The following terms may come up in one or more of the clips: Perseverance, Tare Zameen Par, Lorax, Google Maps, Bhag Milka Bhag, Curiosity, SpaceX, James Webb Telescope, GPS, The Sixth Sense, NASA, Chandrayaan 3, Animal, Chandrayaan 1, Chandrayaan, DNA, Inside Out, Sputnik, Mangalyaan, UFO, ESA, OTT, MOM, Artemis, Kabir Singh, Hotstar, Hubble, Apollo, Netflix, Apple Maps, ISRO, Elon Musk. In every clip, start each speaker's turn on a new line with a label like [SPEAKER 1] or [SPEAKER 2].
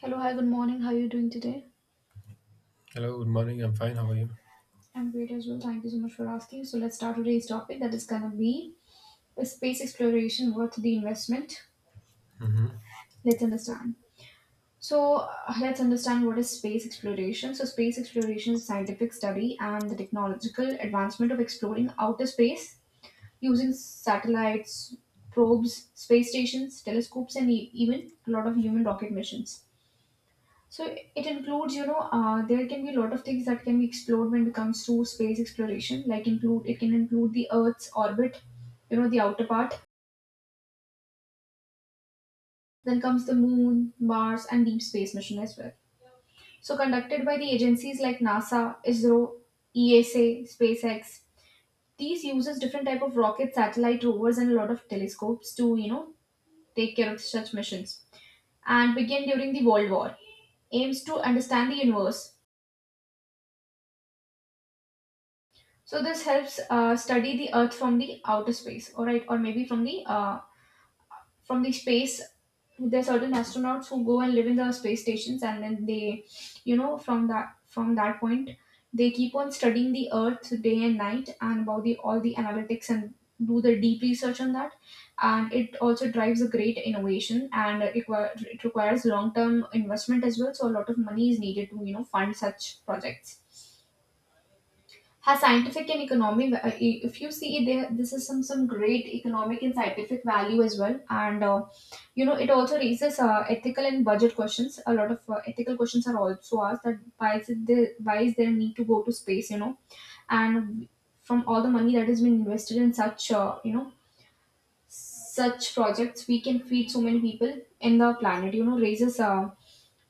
[SPEAKER 1] Hello, hi, good morning. How are you doing today?
[SPEAKER 2] Hello, good morning. I'm fine. How are you?
[SPEAKER 1] I'm great as well. Thank you so much for asking. So let's start today's topic that is gonna be is space exploration worth the investment?
[SPEAKER 2] Mm-hmm.
[SPEAKER 1] Let's understand. So let's understand what is space exploration. So space exploration is scientific study and the technological advancement of exploring outer space using satellites, probes, space stations, telescopes, and even a lot of human rocket missions. So it includes, you know, there can be a lot of things that can be explored when it comes to space exploration. Like include it can include the Earth's orbit, you know, the outer part. Then comes the Moon, Mars, and deep space mission as well. So conducted by the agencies like NASA, ISRO, ESA, SpaceX. These uses different type of rockets, satellite rovers, and a lot of telescopes to, you know, take care of such missions. And began during the World War, aims to understand the universe. So this helps study the Earth from the outer space, all right, or maybe from the space. There are certain astronauts who go and live in the space stations, and then they, you know, from that point, they keep on studying the Earth day and night, and about the all the analytics and do the deep research on that. And it also drives a great innovation, and it requires long term investment as well. So a lot of money is needed to you know fund such projects, has scientific and economic if you see there this is some great economic and scientific value as well. And you know it also raises ethical and budget questions. A lot of ethical questions are also asked that why is it there, why is there a need to go to space, you know, and from all the money that has been invested in such you know such projects we can feed so many people in the planet, you know, raises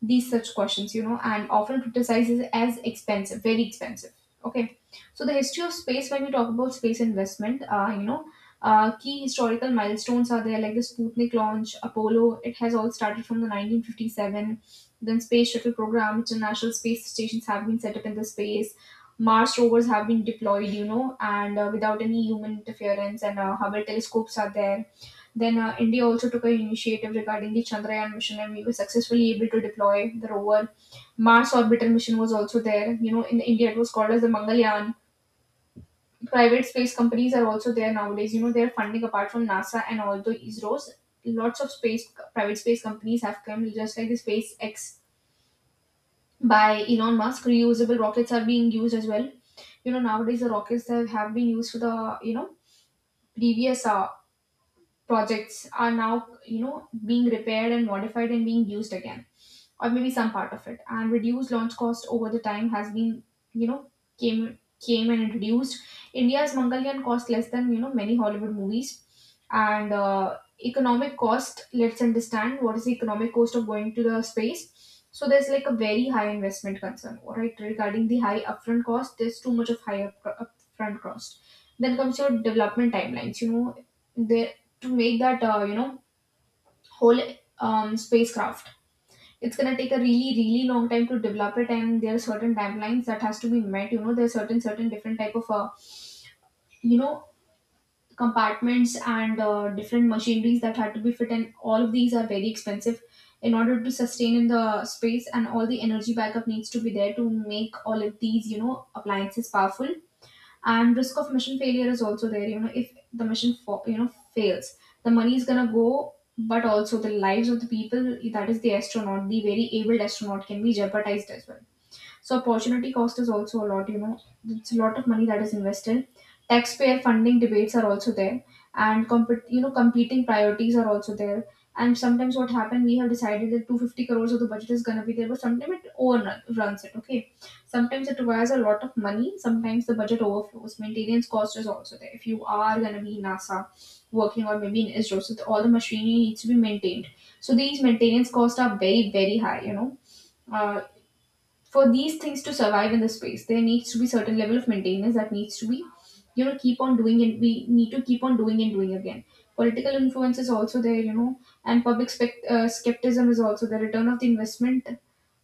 [SPEAKER 1] these such questions, you know, and often criticizes as expensive, very expensive. Okay. So the history of space, when we talk about space investment, you know, key historical milestones are there, like the Sputnik launch, Apollo. It has all started from the 1957, then space shuttle program. International space stations have been set up in the space. Mars rovers have been deployed, you know, and without any human interference, and Hubble telescopes are there. Then India also took an initiative regarding the Chandrayaan mission, and we were successfully able to deploy the rover. Mars orbital mission was also there. You know, in India it was called as the Mangalyaan. Private space companies are also there nowadays. You know, they are funding apart from NASA and all the ISROs. Lots of space private space companies have come, just like the SpaceX by Elon Musk. Reusable rockets are being used as well. You know, nowadays the rockets that have been used for the you know previous projects are now you know being repaired and modified and being used again, or maybe some part of it, and reduced launch cost over the time has been, you know, came, came and introduced. India's Mongolian cost less than you know many Hollywood movies. And economic cost, let's understand what is the economic cost of going to the space. So there's like a very high investment concern, all right, regarding the high upfront cost. There's too much of high upfront cost. Then comes your development timelines, you know, there to make that you know whole spacecraft, it's gonna take a really long time to develop it, and there are certain timelines that has to be met, you know. There are certain different type of you know compartments and different machineries that had to be fit, and all of these are very expensive in order to sustain in the space, and all the energy backup needs to be there to make all of these you know appliances powerful. And risk of mission failure is also there. You know, if the you know fails, the money is gonna go, but also the lives of the people, that is the astronaut, the very able astronaut can be jeopardized as well. So opportunity cost is also a lot, you know, it's a lot of money that is invested. Taxpayer funding debates are also there, and compet you know competing priorities are also there. And sometimes what happened, we have decided that 250 crores of the budget is gonna be there, but sometimes it overruns it. Okay, sometimes it requires a lot of money. Sometimes the budget overflows. Maintenance cost is also there. If you are gonna be in NASA working, or maybe in Israel, so all the machinery needs to be maintained. So these maintenance costs are very high. You know, uh, for these things to survive in the space, there needs to be certain level of maintenance that needs to be, you know, keep on doing, and we need to keep on doing and doing again. Political influence is also there, you know, and public skepticism is also there. Return of the investment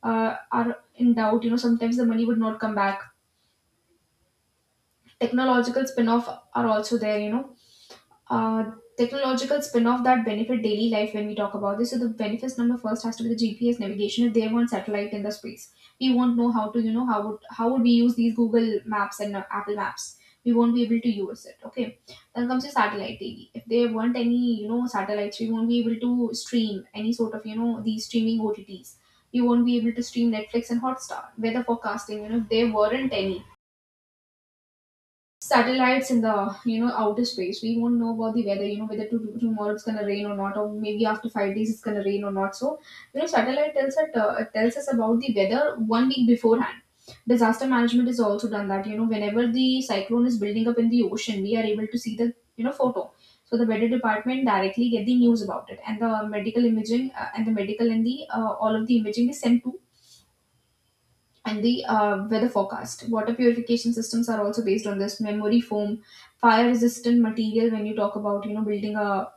[SPEAKER 1] are in doubt, you know, sometimes the money would not come back. Technological spin-off are also there, you know, uh, technological spin-off that benefit daily life. When we talk about this, so the benefits number first has to be the GPS navigation. If there weren't satellite in the space, we won't know how to you know how would we use these Google Maps and Apple Maps. We won't be able to use it. Okay. Then comes the satellite TV. If there weren't any you know satellites, we won't be able to stream any sort of you know these streaming OTTs. We won't be able to stream Netflix and Hotstar. Weather forecasting. You know, if there weren't any satellites in the you know outer space, we won't know about the weather, you know, whether to, tomorrow it's going to rain or not, or maybe after 5 days it's going to rain or not. So you know satellite tells us about the weather 1 week beforehand. Disaster management is also done, that you know whenever the cyclone is building up in the ocean, we are able to see the you know photo, so the weather department directly get the news about it. And the medical imaging and the medical and the all of the imaging is sent to, and the weather forecast. Water purification systems are also based on this memory foam, fire resistant material, when you talk about you know building a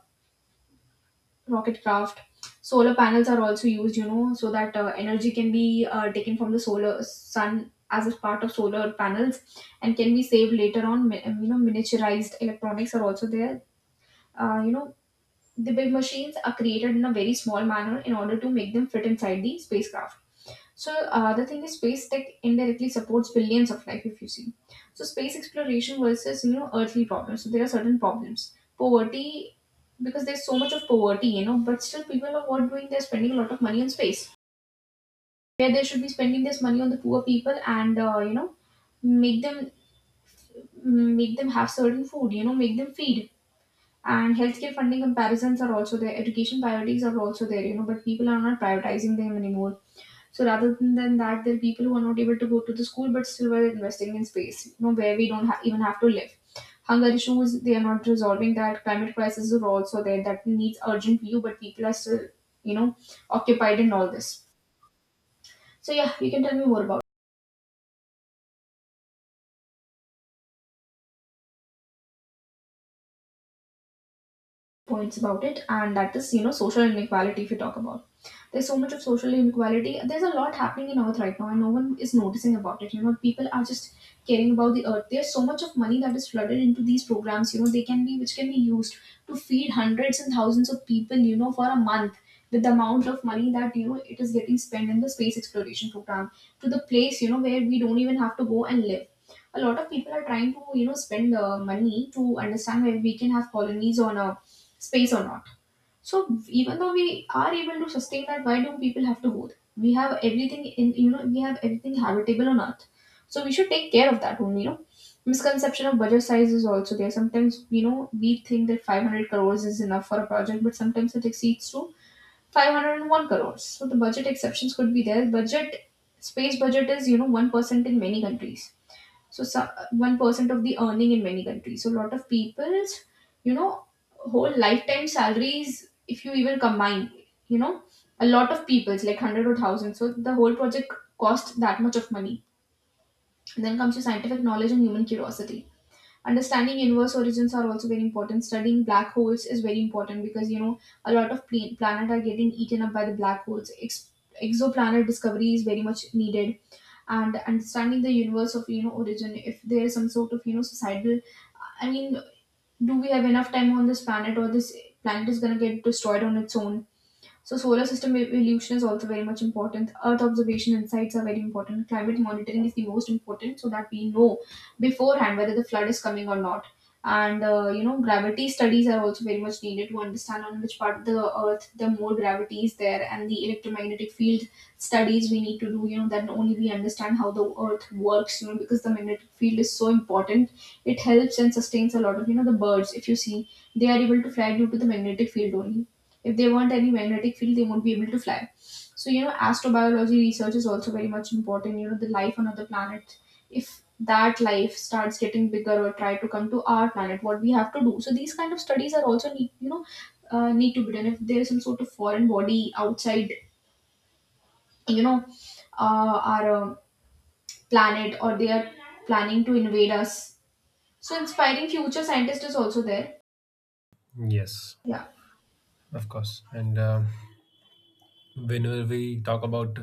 [SPEAKER 1] rocket craft. Solar panels are also used, you know, so that energy can be taken from the solar sun as a part of solar panels and can be saved later on. You know, miniaturized electronics are also there. You know, the big machines are created in a very small manner in order to make them fit inside the spacecraft. So the thing is, space tech indirectly supports billions of life. If you see, so space exploration versus you know earthly problems. So there are certain problems, poverty, because there's so much of poverty, you know. But still, people are what doing? They're spending a lot of money on space, where they should be spending this money on the poor people, and you know make them, make them have certain food, you know, make them feed. And healthcare funding comparisons are also there. Education priorities are also there, you know, but people are not prioritizing them anymore. So rather than that, there are people who are not able to go to the school, but still were investing in space, you know, where we don't even have to live. Hunger issues, they are not resolving that. Climate crises are also there that needs urgent view, but people are still, you know, occupied in all this. So yeah, you can tell me more about points about it, and that is social inequality. If you talk about, there's so much of social inequality, there's a lot happening in earth right now and no one is noticing about it. You know, people are just caring about the earth. There's so much of money that is flooded into these programs, they can be, which can be used to feed hundreds and thousands of people, for a month, with the amount of money that, it is getting spent in the space exploration program, to the place, where we don't even have to go and live. A lot of people are trying to, spend money to understand where we can have colonies on a space or not. So even though we are able to sustain that, why do people have to go there? We have everything in, we have everything habitable on earth. So we should take care of that only. Misconception of budget size is also there. Sometimes we think that 500 crores is enough for a project, but sometimes it exceeds to 501 crores. So the budget exceptions could be there. Budget Space budget is 1% in many countries, so some, 1% of the earning in many countries. So a lot of people's, you know, whole lifetime salaries, if you even combine, you know, a lot of people's, like hundred or thousand. So the whole project cost that much of money. And then comes your scientific knowledge and human curiosity. Understanding inverse origins are also very important. Studying black holes is very important because a lot of planet are getting eaten up by the black holes. Exoplanet discovery is very much needed, and understanding the universe of origin, if there is some sort of societal, i mean do we have enough time on this planet, or this planet is going to get destroyed on its own? So solar system evolution is also very much important. Earth observation insights are very important. Climate monitoring is the most important, so that we know beforehand whether the flood is coming or not. Gravity studies are also very much needed to understand on which part of the earth the more gravity is there, and the electromagnetic field studies we need to do. That only we understand how the earth works. Because the magnetic field is so important, it helps and sustains a lot of, the birds. If you see, they are able to fly due to the magnetic field only. If they weren't any magnetic field, they won't be able to fly. So, astrobiology research is also very much important. The life on other planet, if that life starts getting bigger or try to come to our planet, what we have to do. So these kind of studies are also need to be done. If there is some sort of foreign body outside, you know, our planet, or they are planning to invade us. So inspiring future scientists is also there.
[SPEAKER 2] Yes.
[SPEAKER 1] Yeah.
[SPEAKER 2] Of course. And whenever we talk about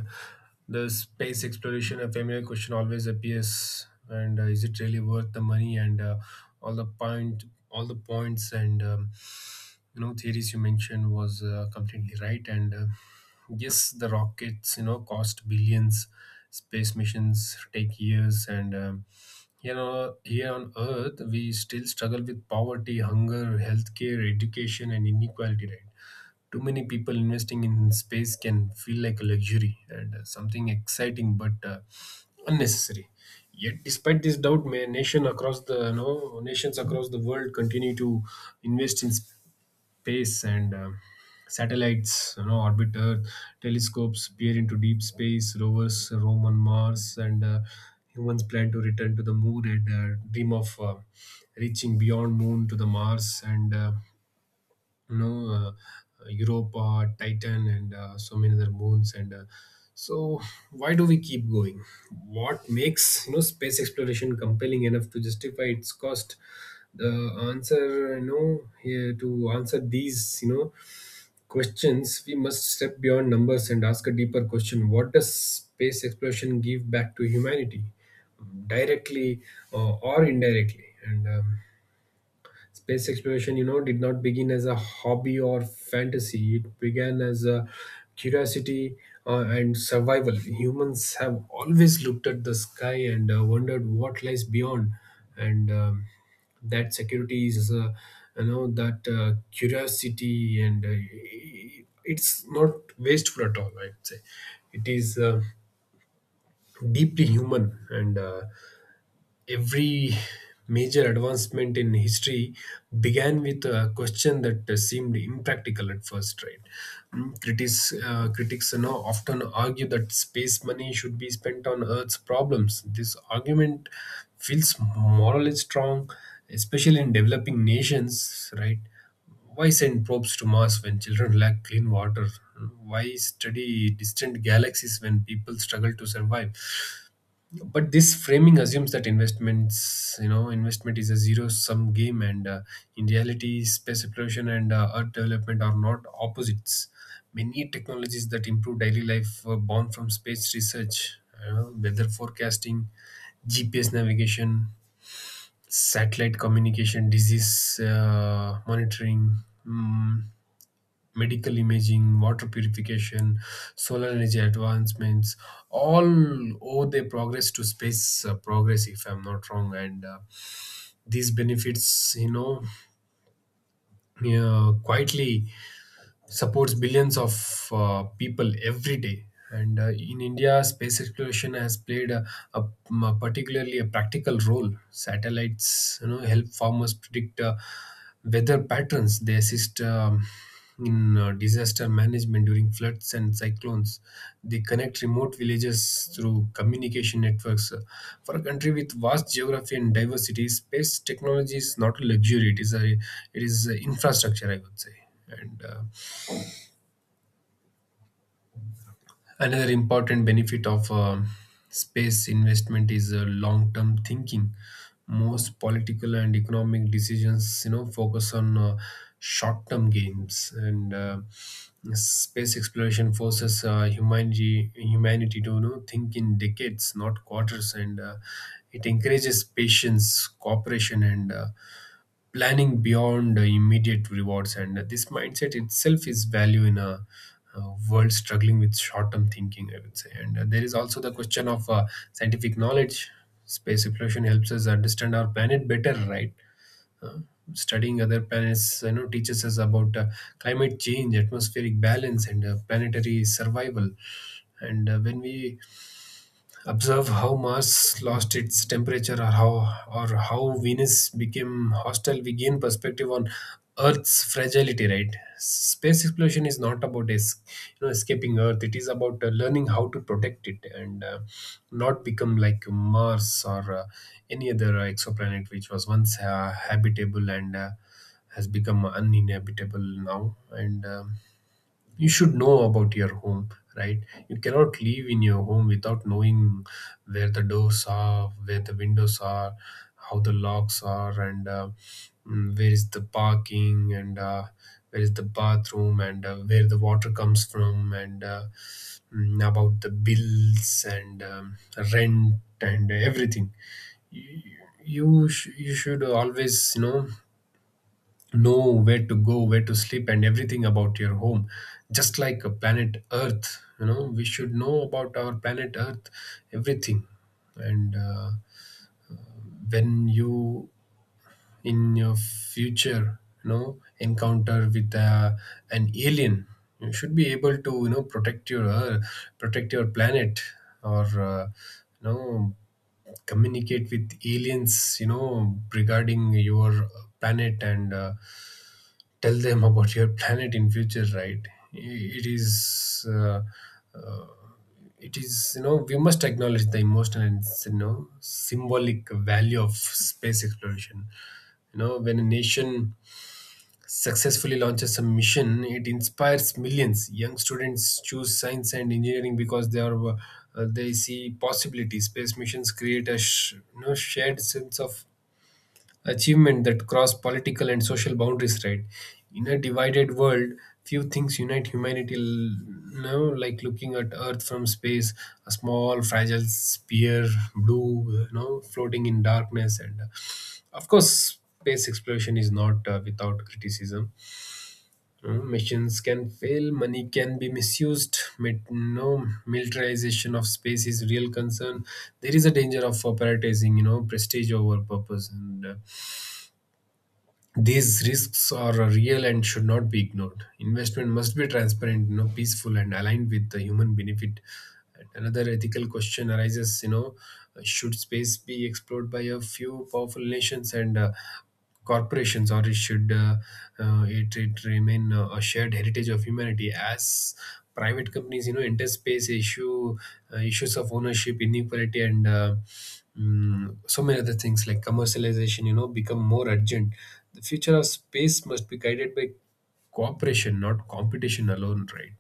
[SPEAKER 2] the space exploration, a familiar question always appears: and is it really worth the money and uh, all the point, all the points and, theories you mentioned was completely right and yes, the rockets, you know, cost billions. Space missions take years, and here on earth we still struggle with poverty, hunger, healthcare, education, and inequality, right? Too many people investing in space can feel like a luxury and something exciting but unnecessary. Yet despite this doubt, nation across the nations across the world continue to invest in space and satellites, you know, orbit earth. Telescopes peer into deep space. Rovers roam on mars, and humans plan to return to the moon, and dream of reaching beyond moon to the mars, and you know uh, europa, titan, and so many other moons. And uh, so why do we keep going? What makes, you know, space exploration compelling enough to justify its cost? The answer you know here to answer these, you know, questions, we must step beyond numbers and ask a deeper question: what does space exploration give back to humanity, directly or indirectly? And Space exploration, you know, did not begin as a hobby or fantasy. It began as a curiosity and survival. Humans have always looked at the sky and wondered what lies beyond. And that security is, you know, that curiosity, and it's not wasteful at all, I'd say. It is deeply human, and every major advancement in history began with a question that seemed impractical at first, right? Critics, you know, often argue that space money should be spent on earth's problems. This argument feels morally strong, especially in developing nations, right? Why send probes to Mars when children lack clean water? Why study distant galaxies when people struggle to survive? But this framing assumes that investments you know investment is a zero sum game, and in reality space exploration and earth development are not opposites. Many technologies that improve daily life were born from space research, you know: weather forecasting, gps navigation, satellite communication, disease monitoring, mm, medical imaging, water purification, solar energy advancements, all owe their progress to space progress, if I'm not wrong. And these benefits, you know, quietly supports billions of people every day. And in India, space exploration has played a particularly a practical role. Satellites, you know, help farmers predict weather patterns. They assist in disaster management during floods and cyclones. They connect remote villages through communication networks. For a country with vast geography and diversity, space technology is not a luxury. It is a infrastructure, I would say. And Another important benefit of space investment is long-term thinking. Most political and economic decisions, you know, focus on short-term gains, and space exploration forces humanity to, you know, think in decades, not quarters, and it encourages patience, cooperation, and planning beyond immediate rewards. And this mindset itself is value in a world struggling with short-term thinking, I would say. And there is also the question of scientific knowledge. Space exploration helps us understand our planet better, right? Uh, studying other planets, you know, teaches us about climate change, atmospheric balance, and planetary survival. And when we observe how Mars lost its temperature, or how Venus became hostile, we gain perspective on Earth's fragility, right? Space exploration is not about escaping Earth. It is about learning how to protect it, and not become like Mars or any other exoplanet which was once habitable and has become uninhabitable now. And you should know about your home, right? You cannot live in your home without knowing where the doors are, where the windows are, how the locks are, and where is the parking, and where is the bathroom, and where the water comes from, and about the bills, and rent, and everything. you you should always, you know where to go, where to sleep, and everything about your home. Just like a planet Earth, you know, we should know about our planet Earth, everything. And when you, in your future, you know, encounter with an alien, you should be able to, you know, protect your Earth, protect your planet, or you know, communicate with aliens, you know, regarding your planet and. Tell them about your planet in future, right? it is uh, it is You know, we must acknowledge the emotional and, you know, symbolic value of space exploration. You know, when a nation successfully launches a mission, it inspires millions. Young students choose science and engineering because they see possibility. Space missions create a shared sense of achievement that cross political and social boundaries, right? In a divided world, few things unite humanity l- no like looking at earth from space, a small fragile sphere, blue, you know, floating in darkness, and of course space exploration is not without criticism. Missions can fail, money can be misused, Mit- no militarization of space is real concern. There is a danger of prioritizing, you know, prestige over purpose, and these risks are real and should not be ignored. Investment must be transparent, you know, peaceful, and aligned with the human benefit. And another ethical question arises, you know, should space be explored by a few powerful nations and corporations, or it should it remain a shared heritage of humanity? As private companies, you know, enter space, issues of ownership, inequality, and so many other things like commercialization, you know, become more urgent. The future of space must be guided by cooperation, not competition alone, right?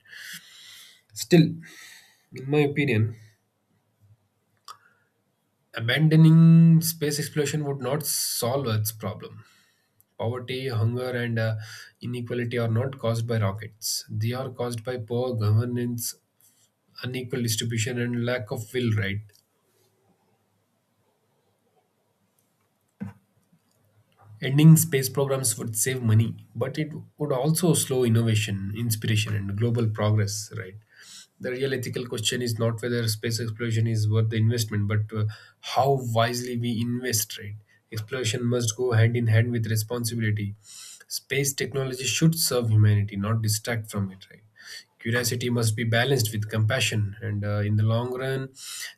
[SPEAKER 2] Still, in my opinion, abandoning space exploration would not solve Earth's problem. Poverty, hunger, and inequality are not caused by rockets. They are caused by poor governance, unequal distribution, and lack of will, right? Ending space programs would save money, but it would also slow innovation, inspiration, and global progress, right? The real ethical question is not whether space exploration is worth the investment but how wisely we invest, right? Exploration must go hand in hand with responsibility. Space technology should serve humanity, not distract from it, right? Curiosity must be balanced with compassion, and in the long run,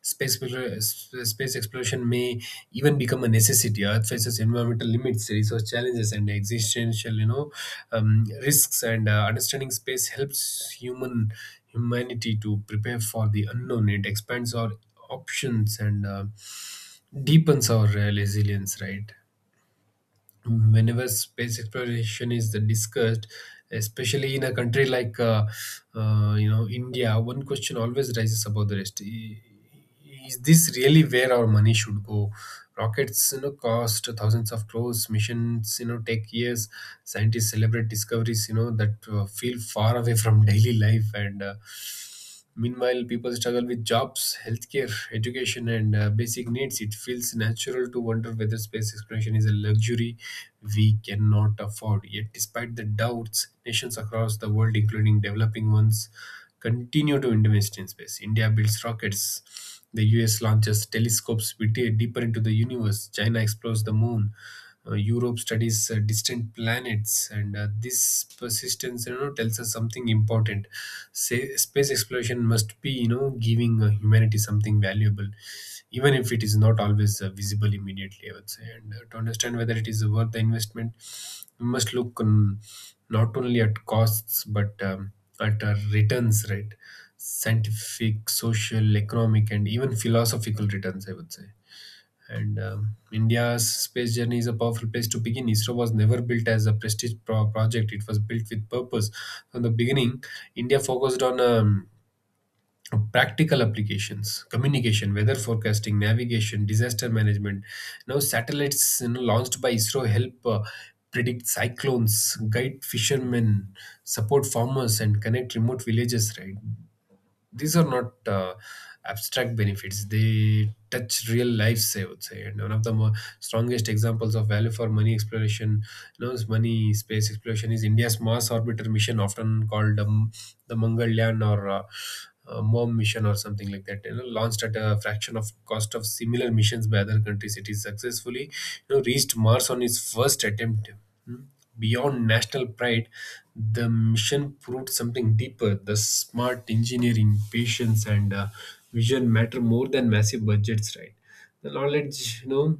[SPEAKER 2] space space exploration may even become a necessity. Earth faces environmental limits, resource challenges, and existential, um, risks, and understanding space helps human humanity to prepare for the unknown. It expands our options and deepens our resilience, right? Whenever space exploration is discussed, especially in a country like you know, India, one question always rises above the rest. Is this really where our money should go? Rockets, you know, cost thousands of crores. Missions, you know, take years. Scientists celebrate discoveries, you know, that feel far away from daily life and. Meanwhile, people struggle with jobs, healthcare, education, and basic needs. It feels natural to wonder whether space exploration is a luxury we cannot afford. Yet, despite the doubts, nations across the world, including developing ones, continue to invest in space. India builds rockets, the US launches telescopes deeper into the universe. China explores the moon. Europe studies distant planets, and this persistence, you know, tells us something important. Say, space exploration must be, you know, giving humanity something valuable, even if it is not always visible immediately. I would say, and to understand whether it is worth the investment, we must look not only at costs but at our returns, right? Scientific, social, economic, and even philosophical returns, I would say. And India's space journey is a powerful place to begin. ISRO was never built as a prestige project, it was built with purpose. From the beginning, India focused on practical applications: communication, weather forecasting, navigation, disaster management. Now satellites, you know, launched by ISRO help predict cyclones, guide fishermen, support farmers, and connect remote villages, right? These are not abstract benefits, they touch real lives, I would say. And one of the more strongest examples of value for money exploration, Now's money space exploration, is India's Mars orbiter mission, often called the Mangalyaan or MOM mission or something like that. Launched at a fraction of cost of similar missions by other countries, it is successfully reached Mars on its first attempt. Hmm. Beyond national pride, the mission proved something deeper. The smart engineering, patience, and vision matter more than massive budgets, right? The knowledge,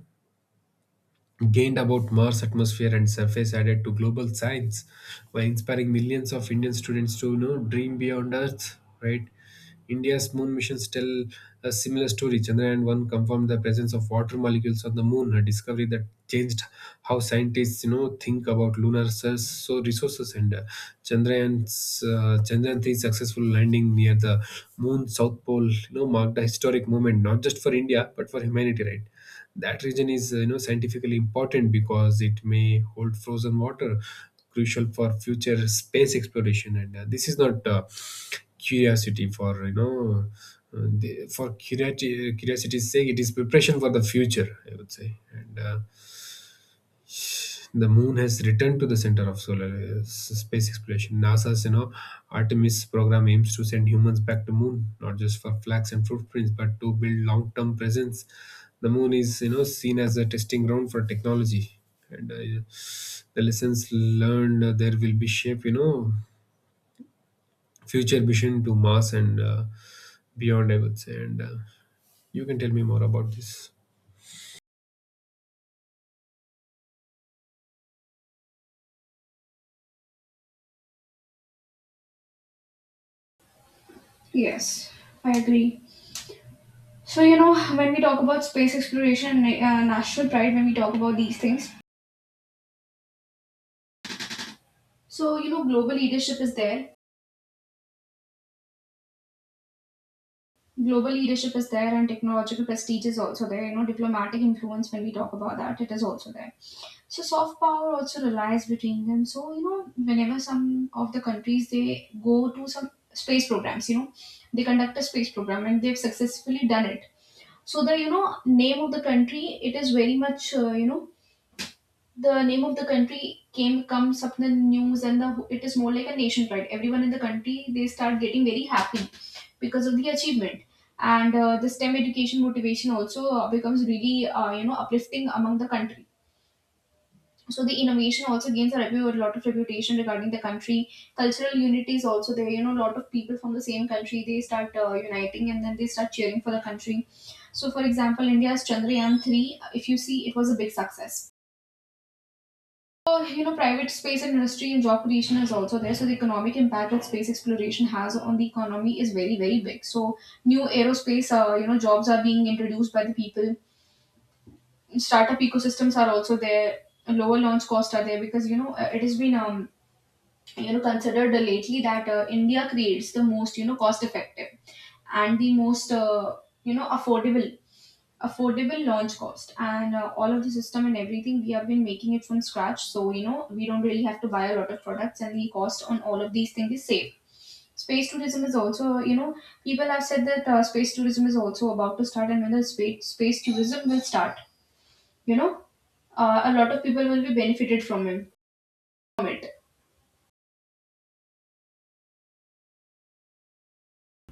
[SPEAKER 2] gained about Mars atmosphere and surface added to global science by inspiring millions of Indian students to dream beyond Earth, right? India's moon missions tell a similar story. Chandrayaan 1 confirmed the presence of water molecules on the moon, a discovery that changed how scientists think about lunar resources. And Chandrayaan 3 successful landing near the moon south pole marked a historic moment not just for India but for humanity, right? That region is scientifically important because it may hold frozen water crucial for future space exploration, and this is not curiosity for curiosity's sake. It is preparation for the future, I would say. And the moon has returned to the center of space exploration. NASA's Artemis program aims to send humans back to moon, not just for flags and footprints, but to build long-term presence. The moon is seen as a testing ground for technology, and the lessons learned there will be shape future mission to Mars and beyond, I would say. And you can tell me more about this.
[SPEAKER 1] Yes, I agree. So, when we talk about space exploration and national pride, when we talk about these things, so, global leadership is there. Global leadership is there, and technological prestige is also there. Diplomatic influence, when we talk about that, it is also there. So, soft power also relies between them. So, whenever some of the countries, they go to some space programs, they conduct a space program and they've successfully done it. So, the, name of the country, it is very much, the name of the country came comes up in the news, and the it is more like a nation pride. Everyone in the country, they start getting very happy because of the achievement, and the stem education motivation also becomes really uplifting among the country. So the innovation also gains a lot of reputation regarding the country. Cultural unity is also there. You know, a lot of people from the same country, they start uniting and then they start cheering for the country. So for example, india's Chandrayaan 3, if you see, it was a big success. Private space and industry and job creation is also there. So the economic impact that space exploration has on the economy is very, very big. So new aerospace, jobs are being introduced by the people. Startup ecosystems are also there. Lower launch costs are there because it has been considered lately that India creates the most cost effective and the most you know affordable affordable launch cost, and all of the system and everything we have been making it from scratch. So we don't really have to buy a lot of products and the cost on all of these things is safe. Space tourism is also, people have said that space tourism is also about to start, and when the space tourism will start, you know a lot of people will be benefited from it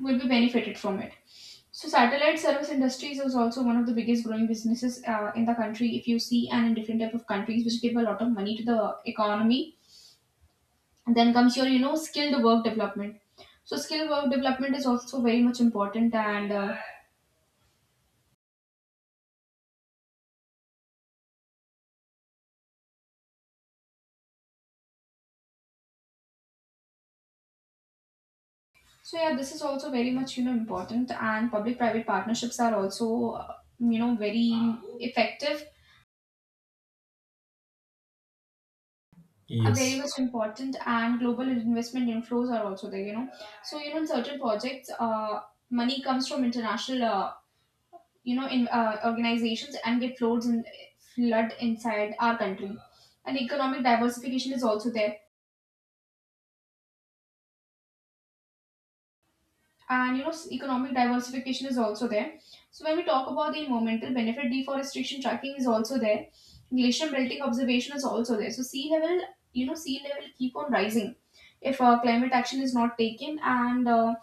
[SPEAKER 1] will be benefited from it. So satellite service industries is also one of the biggest growing businesses in the country, if you see, and in different type of countries, which give a lot of money to the economy. And then comes your, skilled work development. So skilled work development is also very much important, and so yeah, this is also very much important. And public-private partnerships are also very effective, are very
[SPEAKER 2] Yes.
[SPEAKER 1] much important, and global investment inflows are also there. So in certain projects, money comes from international you know in organizations and get floods and flood inside our country. And economic diversification is also there, and economic diversification is also there. So when we talk about the environmental benefit, deforestation tracking is also there, glacier melting observation is also there. So sea level keep on rising if climate action is not taken, and uh,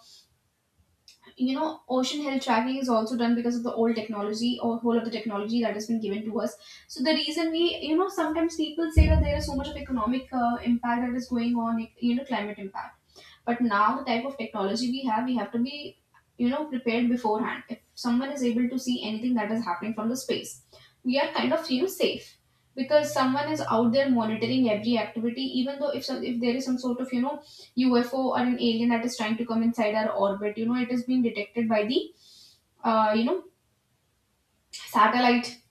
[SPEAKER 1] you know ocean health tracking is also done because of the old technology, or whole of the technology that has been given to us. So the reason we, sometimes people say that there is so much of economic impact that is going on, climate impact. But now the type of technology we have to be, prepared beforehand. If someone is able to see anything that is happening from the space, we are kind of, safe, because someone is out there monitoring every activity. Even though if if there is some sort of, UFO or an alien that is trying to come inside our orbit, it is being detected by the uh, you know satellite,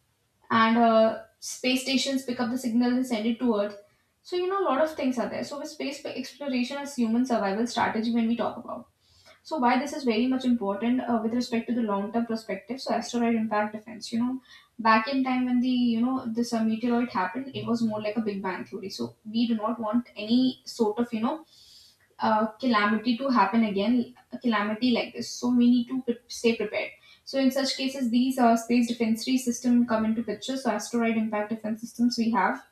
[SPEAKER 1] and space stations pick up the signal and send it to Earth. So a lot of things are there. So with space exploration as human survival strategy, when we talk about. So why this is very much important with respect to the long term perspective. So asteroid impact defense. Back in time when the, this meteoroid happened, it was more like a Big Bang theory. So we do not want any sort of, calamity to happen again, a calamity like this. So we need to stay prepared. So in such cases, these space defensory system come into picture. So asteroid impact defense systems we have,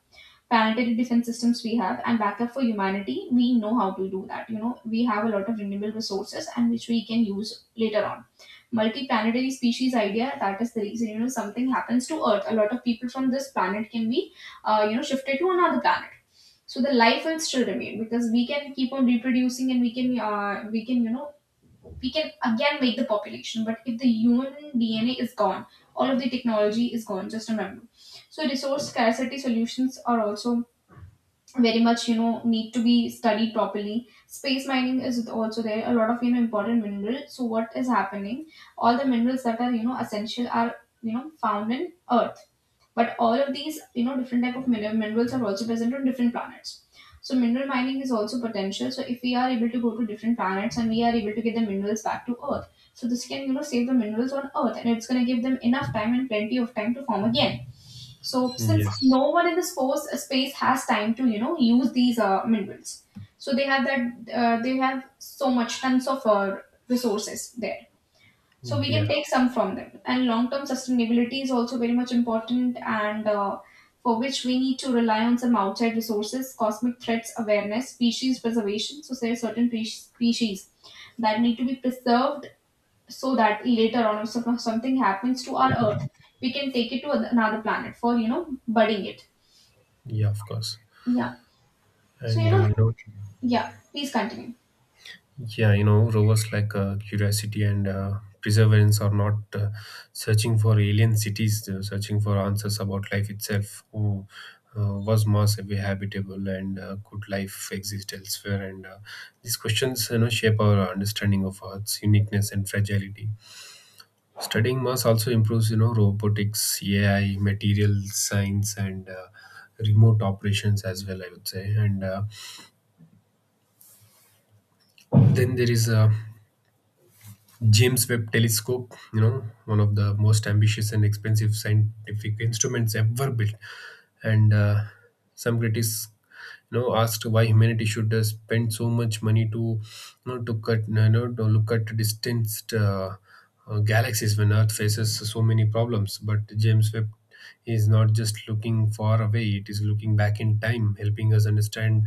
[SPEAKER 1] planetary defense systems we have, and backup for humanity, we know how to do that. You know, we have a lot of renewable resources and which we can use later on. Multi-planetary species idea, that is the reason, something happens to earth, a lot of people from this planet can be shifted to another planet. So the life will still remain because we can keep on reproducing, and we can you know we can again make the population. But if the human dna is gone, all of the technology is gone, just remember. So resource scarcity solutions are also very much need to be studied properly. Space mining is also there, a lot of, important minerals. So what is happening, all the minerals that are, essential are, found in earth, but all of these, different type of minerals are also present on different planets. So mineral mining is also potential. So if we are able to go to different planets and we are able to get the minerals back to Earth, so this can, save the minerals on Earth, and it's going to give them enough time and plenty of time to form again. So since
[SPEAKER 2] Yes.
[SPEAKER 1] no one in the space has time to, use these minerals, so they have that they have so much tons of resources there. So we can
[SPEAKER 2] Yeah,
[SPEAKER 1] take some from them. And long-term sustainability is also very much important, and for which we need to rely on some outside resources. Cosmic threats awareness, species preservation. So there are certain species that need to be preserved so that later on if something happens to our earth, we can take it to another planet for, budding it.
[SPEAKER 2] yeah, of course.
[SPEAKER 1] Yeah. So,
[SPEAKER 2] And
[SPEAKER 1] yeah, please continue.
[SPEAKER 2] yeah, you know, rovers like Curiosity and Perseverance are not searching for alien cities, they're searching for answers about life itself. Oh, was Mars ever habitable, and could life exist elsewhere? And these questions, you know, shape our understanding of Earth's uniqueness and fragility. Studying Mars also improves, you know, robotics, AI, material science, and remote operations as well, I would say. And then there is James Webb Telescope, you know, one of the most ambitious and expensive scientific instruments ever built. And some critics, you know, asked why humanity should spend so much money you know, you know, to look at distant galaxies when Earth faces so many problems. But James Webb is not just looking far away; it is looking back in time, helping us understand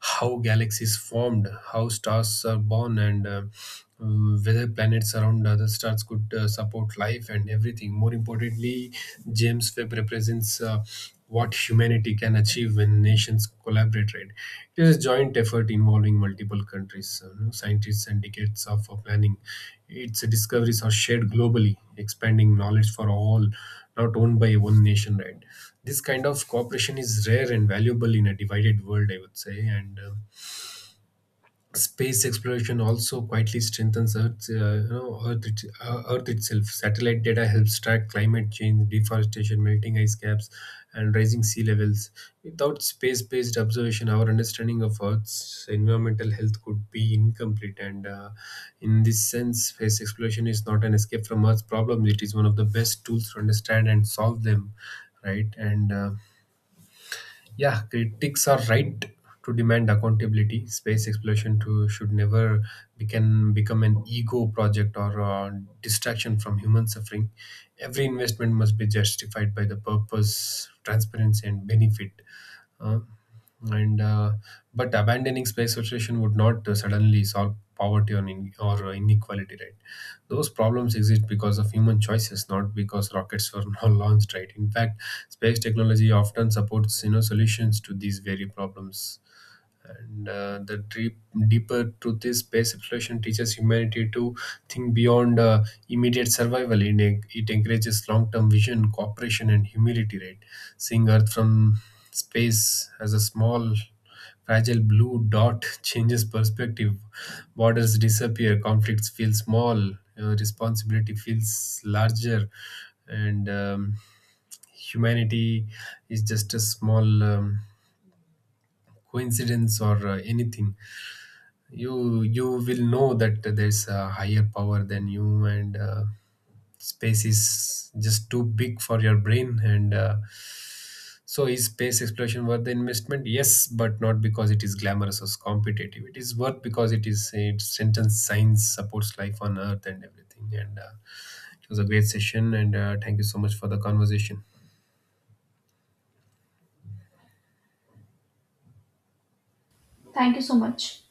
[SPEAKER 2] how galaxies formed, how stars are born, and whether planets around other stars could support life and everything. More importantly, James Webb represents what humanity can achieve when nations collaborate. Right? It is a joint effort involving multiple countries, you know, scientists, and decades of planning. Its discoveries are shared globally, expanding knowledge for all, not owned by one nation. Right? This kind of cooperation is rare and valuable in a divided world, I would say. And space exploration also quietly strengthens earth you know earth, it, earth itself. Satellite data helps track climate change, deforestation, melting ice caps, and rising sea levels. Without space based observation, our understanding of earth's environmental health could be incomplete. And in this sense, space exploration is not an escape from earth's problems, it is one of the best tools to understand and solve them, right? And yeah, critics are right to demand accountability. Space exploration should never become an ego project or distraction from human suffering. Every investment must be justified by the purpose, transparency, and benefit. Uh, and But abandoning space saturation would not suddenly solve poverty or inequality, right? Those problems exist because of human choices, not because rockets were not launched, right? In fact, space technology often supports solutions to these very problems. And deeper truth is space exploration teaches humanity to think beyond immediate survival. It encourages long term vision, cooperation, and humility, right? Seeing Earth from space as a small, fragile blue dot changes perspective. Borders disappear, conflicts feel small, responsibility feels larger, and humanity is just a small. Coincidence or anything, you will know that there's a higher power than you. And space is just too big for your brain. And so is space exploration worth the investment? Yes, but not because it is glamorous or competitive. It is worth because it is it sentence science supports life on earth and everything. And it was a great session. And thank you so much for the conversation.
[SPEAKER 1] Thank you so much.